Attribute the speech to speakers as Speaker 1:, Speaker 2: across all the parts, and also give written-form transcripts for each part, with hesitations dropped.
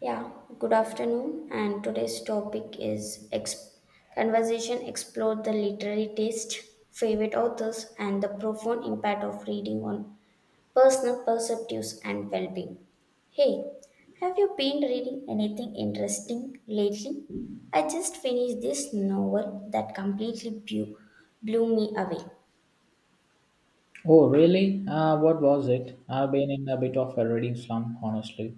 Speaker 1: Yeah, good afternoon. And today's topic is conversation explore the literary taste, favorite authors, and the profound impact of reading on personal perspectives and well-being. Hey, have you been reading anything interesting lately? I just finished this novel that completely blew me away.
Speaker 2: Oh, really? What was it? I've been in a bit of a reading slump, honestly.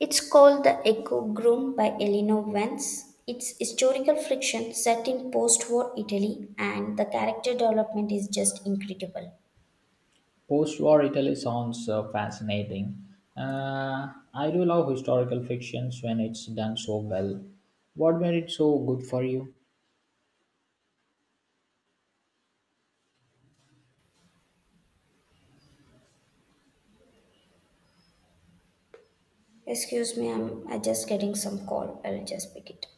Speaker 1: It's called The Echo Groom by Elinor Vance. It's historical fiction set in post war Italy, and the character development is just incredible.
Speaker 2: Post war Italy sounds fascinating. I do love historical fictions when it's done so well. What made it so good for you?
Speaker 1: Excuse me, I'm just getting some call. I'll just pick it.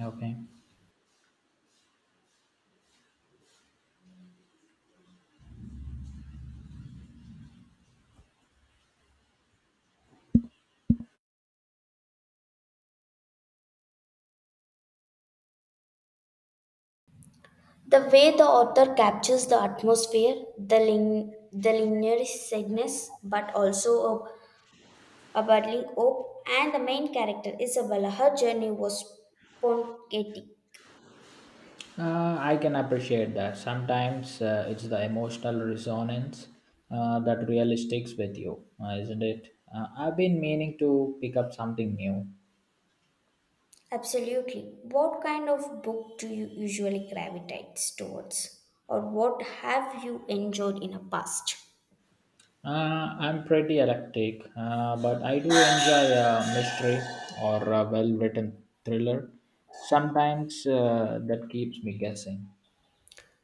Speaker 2: Okay.
Speaker 1: The way the author captures the atmosphere, the linear sadness, but also a budding hope, and the main character Isabella, her journey was spontaneous.
Speaker 2: I can appreciate that. Sometimes it's the emotional resonance that really sticks with you, isn't it? I've been meaning to pick up something new.
Speaker 1: Absolutely. What kind of book do you usually gravitate towards? Or what have you enjoyed in the past?
Speaker 2: I'm pretty eclectic, but I do enjoy a mystery or a well written thriller. Sometimes that keeps me guessing.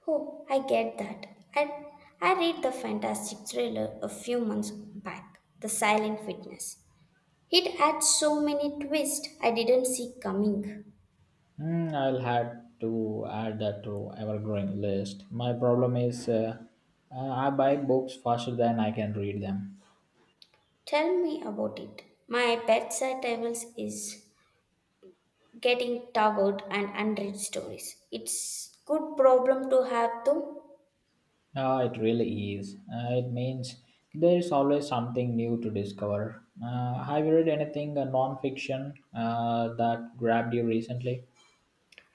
Speaker 1: Oh, I get that. I, I read the fantastic thriller a few months back, The Silent Witness. It had so many twists I didn't see coming.
Speaker 2: Hmm, I'll have to add that to ever growing list. My problem is I buy books faster than I can read them.
Speaker 1: Tell me about it. My bedside tables is getting tired and unread stories. It's good problem to have though.
Speaker 2: It really is. It means there is always something new to discover. Have you read anything non fiction that grabbed you recently?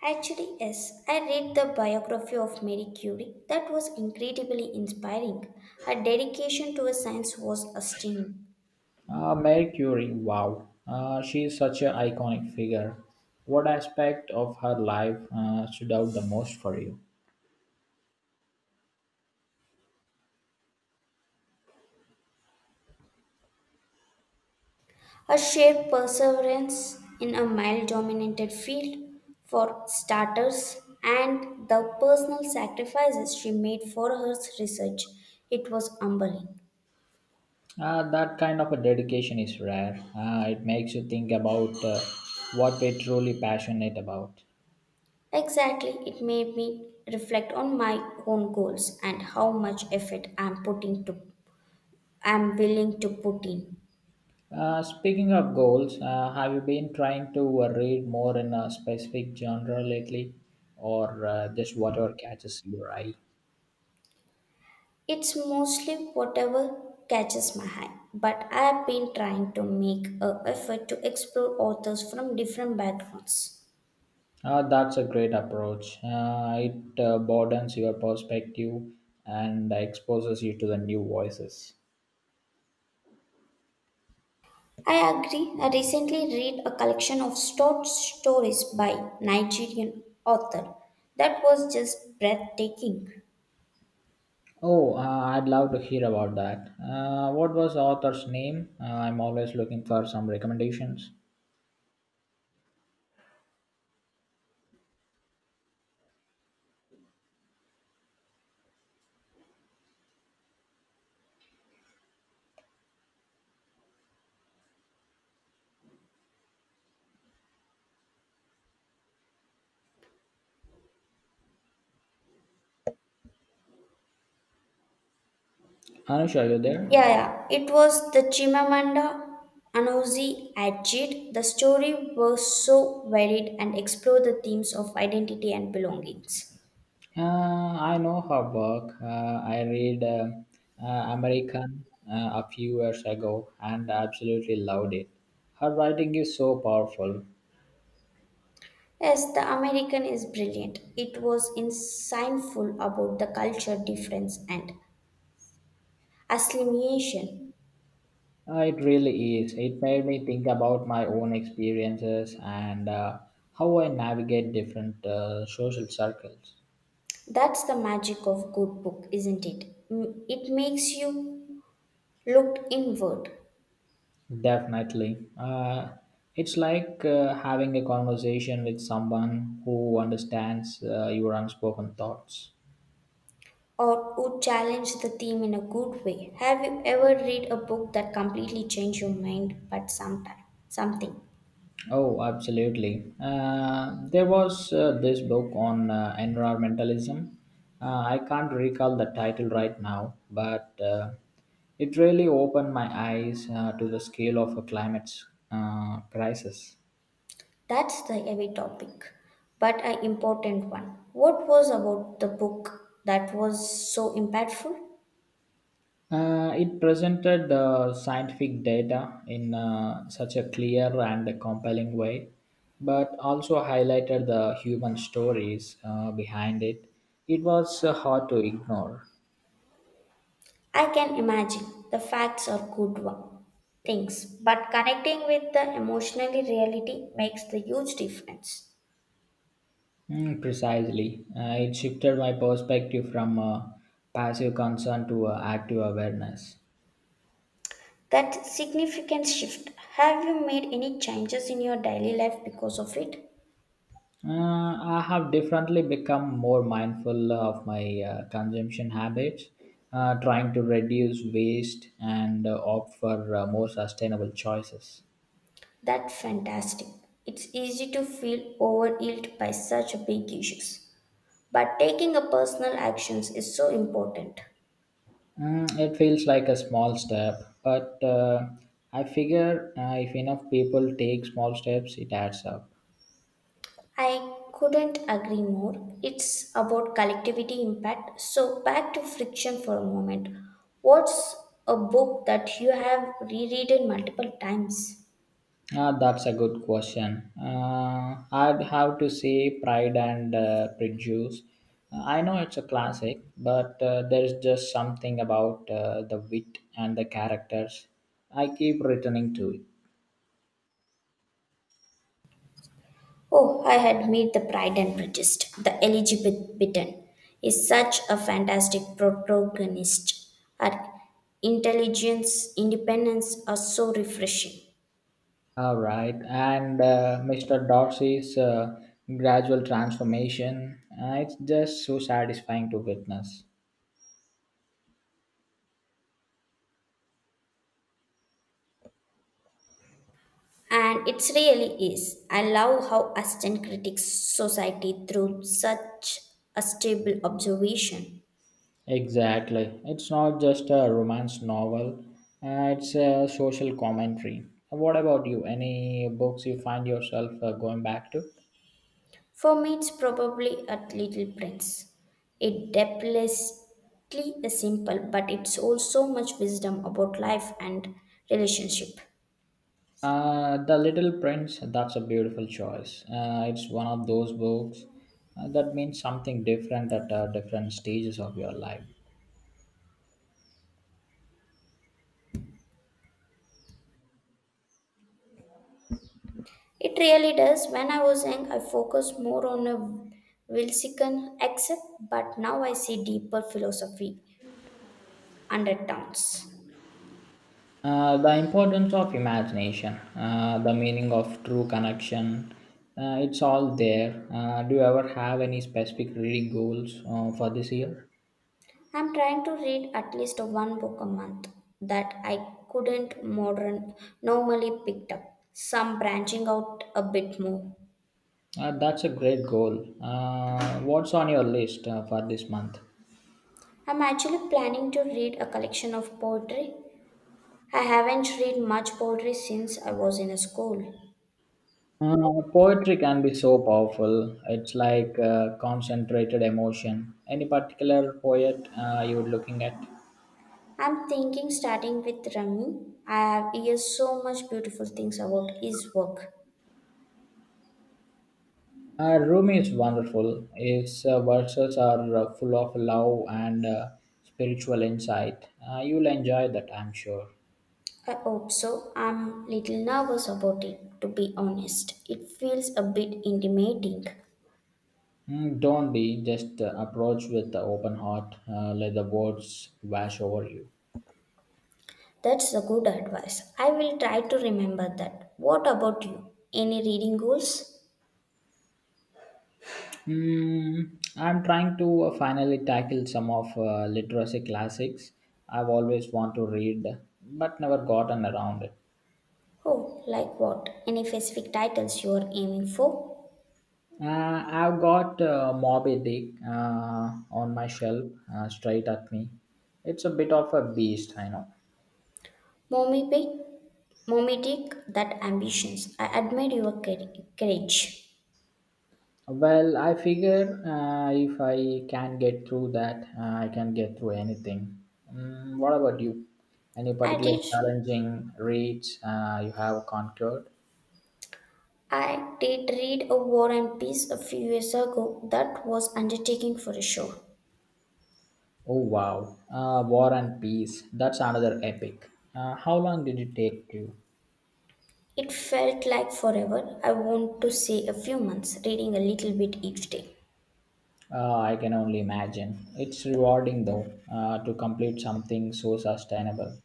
Speaker 1: Actually, yes, I read the biography of Marie Curie. That was incredibly inspiring. Her dedication to science was stunning.
Speaker 2: Marie Curie, wow. She is such an iconic figure. What aspect of her life stood out the most for you?
Speaker 1: Her sheer perseverance in a male dominated field, for starters, and the personal sacrifices she made for her research, it was humbling.
Speaker 2: That kind of a dedication is rare. It makes you think about what we're truly passionate about.
Speaker 1: Exactly, it made me reflect on my own goals and how much effort I'm willing to put in.
Speaker 2: Speaking of goals, have you been trying to read more in a specific genre lately or just whatever catches your eye?
Speaker 1: It's mostly whatever catches my eye, but I've been trying to make a effort to explore authors from different backgrounds.
Speaker 2: That's a great approach. It broadens your perspective and exposes you to the new voices.
Speaker 1: I agree. I recently read a collection of short stories by Nigerian author that was just breathtaking.
Speaker 2: Oh, I'd love to hear about that. What was the author's name? I'm always looking for some recommendations. Anusha, are you there?
Speaker 1: Yeah, yeah. It was the Chimamanda Anozi Adichie. The story was so varied and explored the themes of identity and belongings.
Speaker 2: Uh, I know her work. I read American a few years ago and absolutely loved it. Her writing is so powerful.
Speaker 1: Yes, the American is brilliant. It was insightful about the culture difference and assimilation.
Speaker 2: It really is. It made me think about my own experiences and how I navigate different social circles.
Speaker 1: That's the magic of good book, isn't it? It makes you look inward
Speaker 2: Definitely. It's like having a conversation with someone who understands your unspoken thoughts.
Speaker 1: or would challenge the theme in a good way. Have you ever read a book that completely changed your mind but sometime something?
Speaker 2: Oh, absolutely. There was this book on environmentalism. I can't recall the title right now, but it really opened my eyes to the scale of a climate crisis.
Speaker 1: That's the heavy topic, but an important one. What was about the book that was so impactful?
Speaker 2: It presented the scientific data in such a clear and compelling way, but also highlighted the human stories behind it. It was hard to ignore.
Speaker 1: I can imagine the facts are good one, things, but connecting with the emotional reality makes the huge difference.
Speaker 2: Mm, precisely. It shifted my perspective from passive concern to active awareness.
Speaker 1: That significant shift. Have you made any changes in your daily life because of it?
Speaker 2: I have definitely become more mindful of my consumption habits, trying to reduce waste and opt for more sustainable choices.
Speaker 1: That's fantastic. It's easy to feel overwhelmed by such big issues, but taking a personal actions is so important.
Speaker 2: Mm, it feels like a small step, but I figure if enough people take small steps, it adds up.
Speaker 1: I couldn't agree more. It's about collectivity impact. So, back to friction for a moment. What's a book that you have reread multiple times?
Speaker 2: Ah, that's a good question. I'd have to say Pride and Prejudice. Ah, I know it's a classic, but there's just something about the wit and the characters. I keep returning to it.
Speaker 1: Oh, I had made The Pride and Prejudice. The Elizabeth Bitten is such a fantastic protagonist. Her intelligence, independence are so refreshing.
Speaker 2: All right, and Mr. Darcy's gradual transformation. It's just so satisfying to witness.
Speaker 1: And it really is. I love how Aston critiques society through such a stable observation.
Speaker 2: Exactly. It's not just a romance novel, it's a social commentary. What about you? Any books you find yourself going back to?
Speaker 1: For me, it's probably a little prince. It depthlessly is simple, but it holds so much wisdom about life and relationship.
Speaker 2: The Little Prince, that's a beautiful choice. It's one of those books that means something different at different stages of your life.
Speaker 1: It really does. When I was young, I focused more on a Wilsican accept, but now I see deeper philosophy undertones.
Speaker 2: The importance of imagination, the meaning of true connection, it's all there. Do you ever have any specific reading goals for this year?
Speaker 1: I'm trying to read at least one book a month that I couldn't modern normally picked up. Some branching out a bit more.
Speaker 2: That's a great goal. What's on your list for this month?
Speaker 1: I'm actually planning to read a collection of poetry. I haven't read much poetry since I was in a school.
Speaker 2: Poetry can be so powerful. It's like concentrated emotion. Any particular poet you're looking at?
Speaker 1: I'm thinking starting with Rami. I have heard so much beautiful things about his work.
Speaker 2: Rumi is wonderful. His verses are full of love and spiritual insight. You'll enjoy that, I'm sure.
Speaker 1: I hope so. I'm little nervous about it to be honest. It feels a bit intimidating.
Speaker 2: Mm, don't be just approach with the open heart. Let the words wash over you.
Speaker 1: That's a good advice. I will try to remember that. What about you? Any reading goals?
Speaker 2: Mm, I'm trying to finally tackle some of literacy classics I've always want to read, but never gotten around it.
Speaker 1: Oh, like what? Any specific titles you are aiming for?
Speaker 2: Uh, I've got Moby Dick on my shelf, straight at me. It's a bit of a beast, I know.
Speaker 1: Mommy Pig? Mommy Dick, that ambitions. I admire your courage.
Speaker 2: Well, I figure if I can get through that, I can get through anything. Mm, what about you? Any
Speaker 1: I
Speaker 2: particular
Speaker 1: did
Speaker 2: challenging reads you have conquered?
Speaker 1: I did read a War and Peace a few years ago that was undertaking for a show.
Speaker 2: Oh wow, War and Peace. That's another epic. How long did it take you?
Speaker 1: It felt like forever. I want to say a few months, reading a little bit each day.
Speaker 2: I can only imagine. It's rewarding though to complete something so sustainable.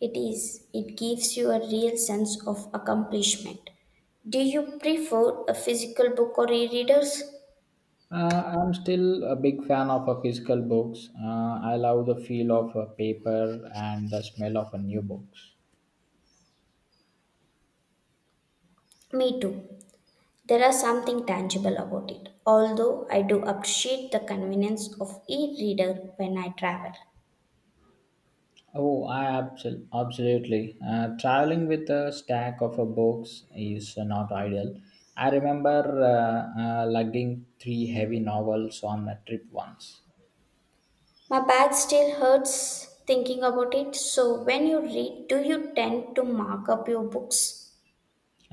Speaker 1: It is. It gives you a real sense of accomplishment. Do you prefer a physical book or e-readers?
Speaker 2: I'm still a big fan of physical books. I love the feel of paper and the smell of a new books.
Speaker 1: Me too. There are something tangible about it. Although I do appreciate the convenience of e-reader when I travel.
Speaker 2: Oh, absolutely. Traveling with a stack of books is not ideal. I remember lugging three heavy novels on a trip once.
Speaker 1: My back still hurts thinking about it. So when you read, do you tend to mark up your books?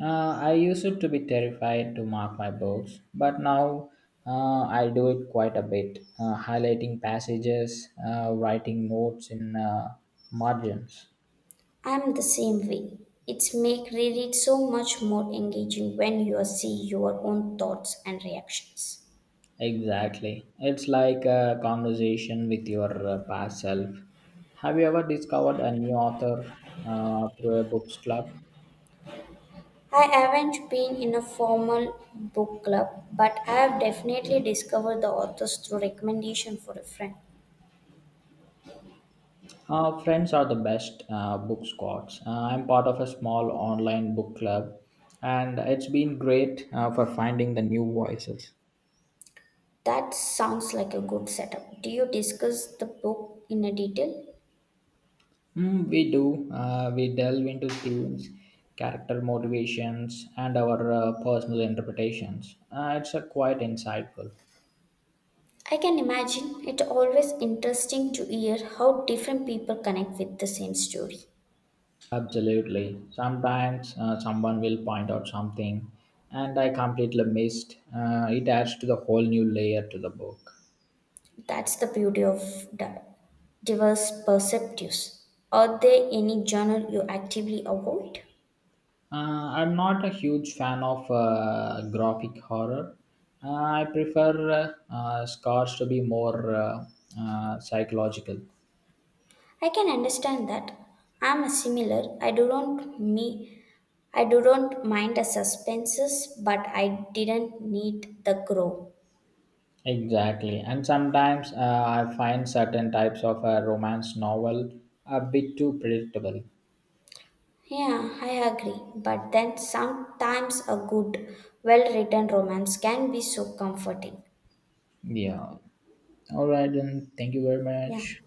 Speaker 2: I used to be terrified to mark my books, but now I do it quite a bit, highlighting passages, writing notes in margins.
Speaker 1: I'm the same way. It's make reread so much more engaging when you see your own thoughts and reactions.
Speaker 2: Exactly. It's like a conversation with your past self. Have you ever discovered a new author through a books club?
Speaker 1: I haven't been in a formal book club, but I have definitely discovered the authors through recommendation for a friend.
Speaker 2: Friends are the best book squads. I'm part of a small online book club, and it's been great for finding the new voices.
Speaker 1: That sounds like a good setup. Do you discuss the book in a detail?
Speaker 2: Mm, we do. We delve into themes, character motivations, and our personal interpretations. It's a quite insightful.
Speaker 1: I can imagine it always interesting to hear how different people connect with the same story.
Speaker 2: Absolutely. Sometimes someone will point out something and I completely missed. It adds to the whole new layer to the book.
Speaker 1: That's the beauty of diverse perspectives. Are there any genre you actively avoid?
Speaker 2: Uh, I'm not a huge fan of graphic horror. I prefer scars to be more psychological.
Speaker 1: I can understand that. I'm a similar. I do not mind the suspenses, but I didn't need the grow.
Speaker 2: Exactly. And sometimes I find certain types of romance novel a bit too predictable.
Speaker 1: Yeah, I agree. But then sometimes a good, well written romance can be so comforting.
Speaker 2: Yeah. All right, then. Thank you very
Speaker 1: Yeah.
Speaker 2: much.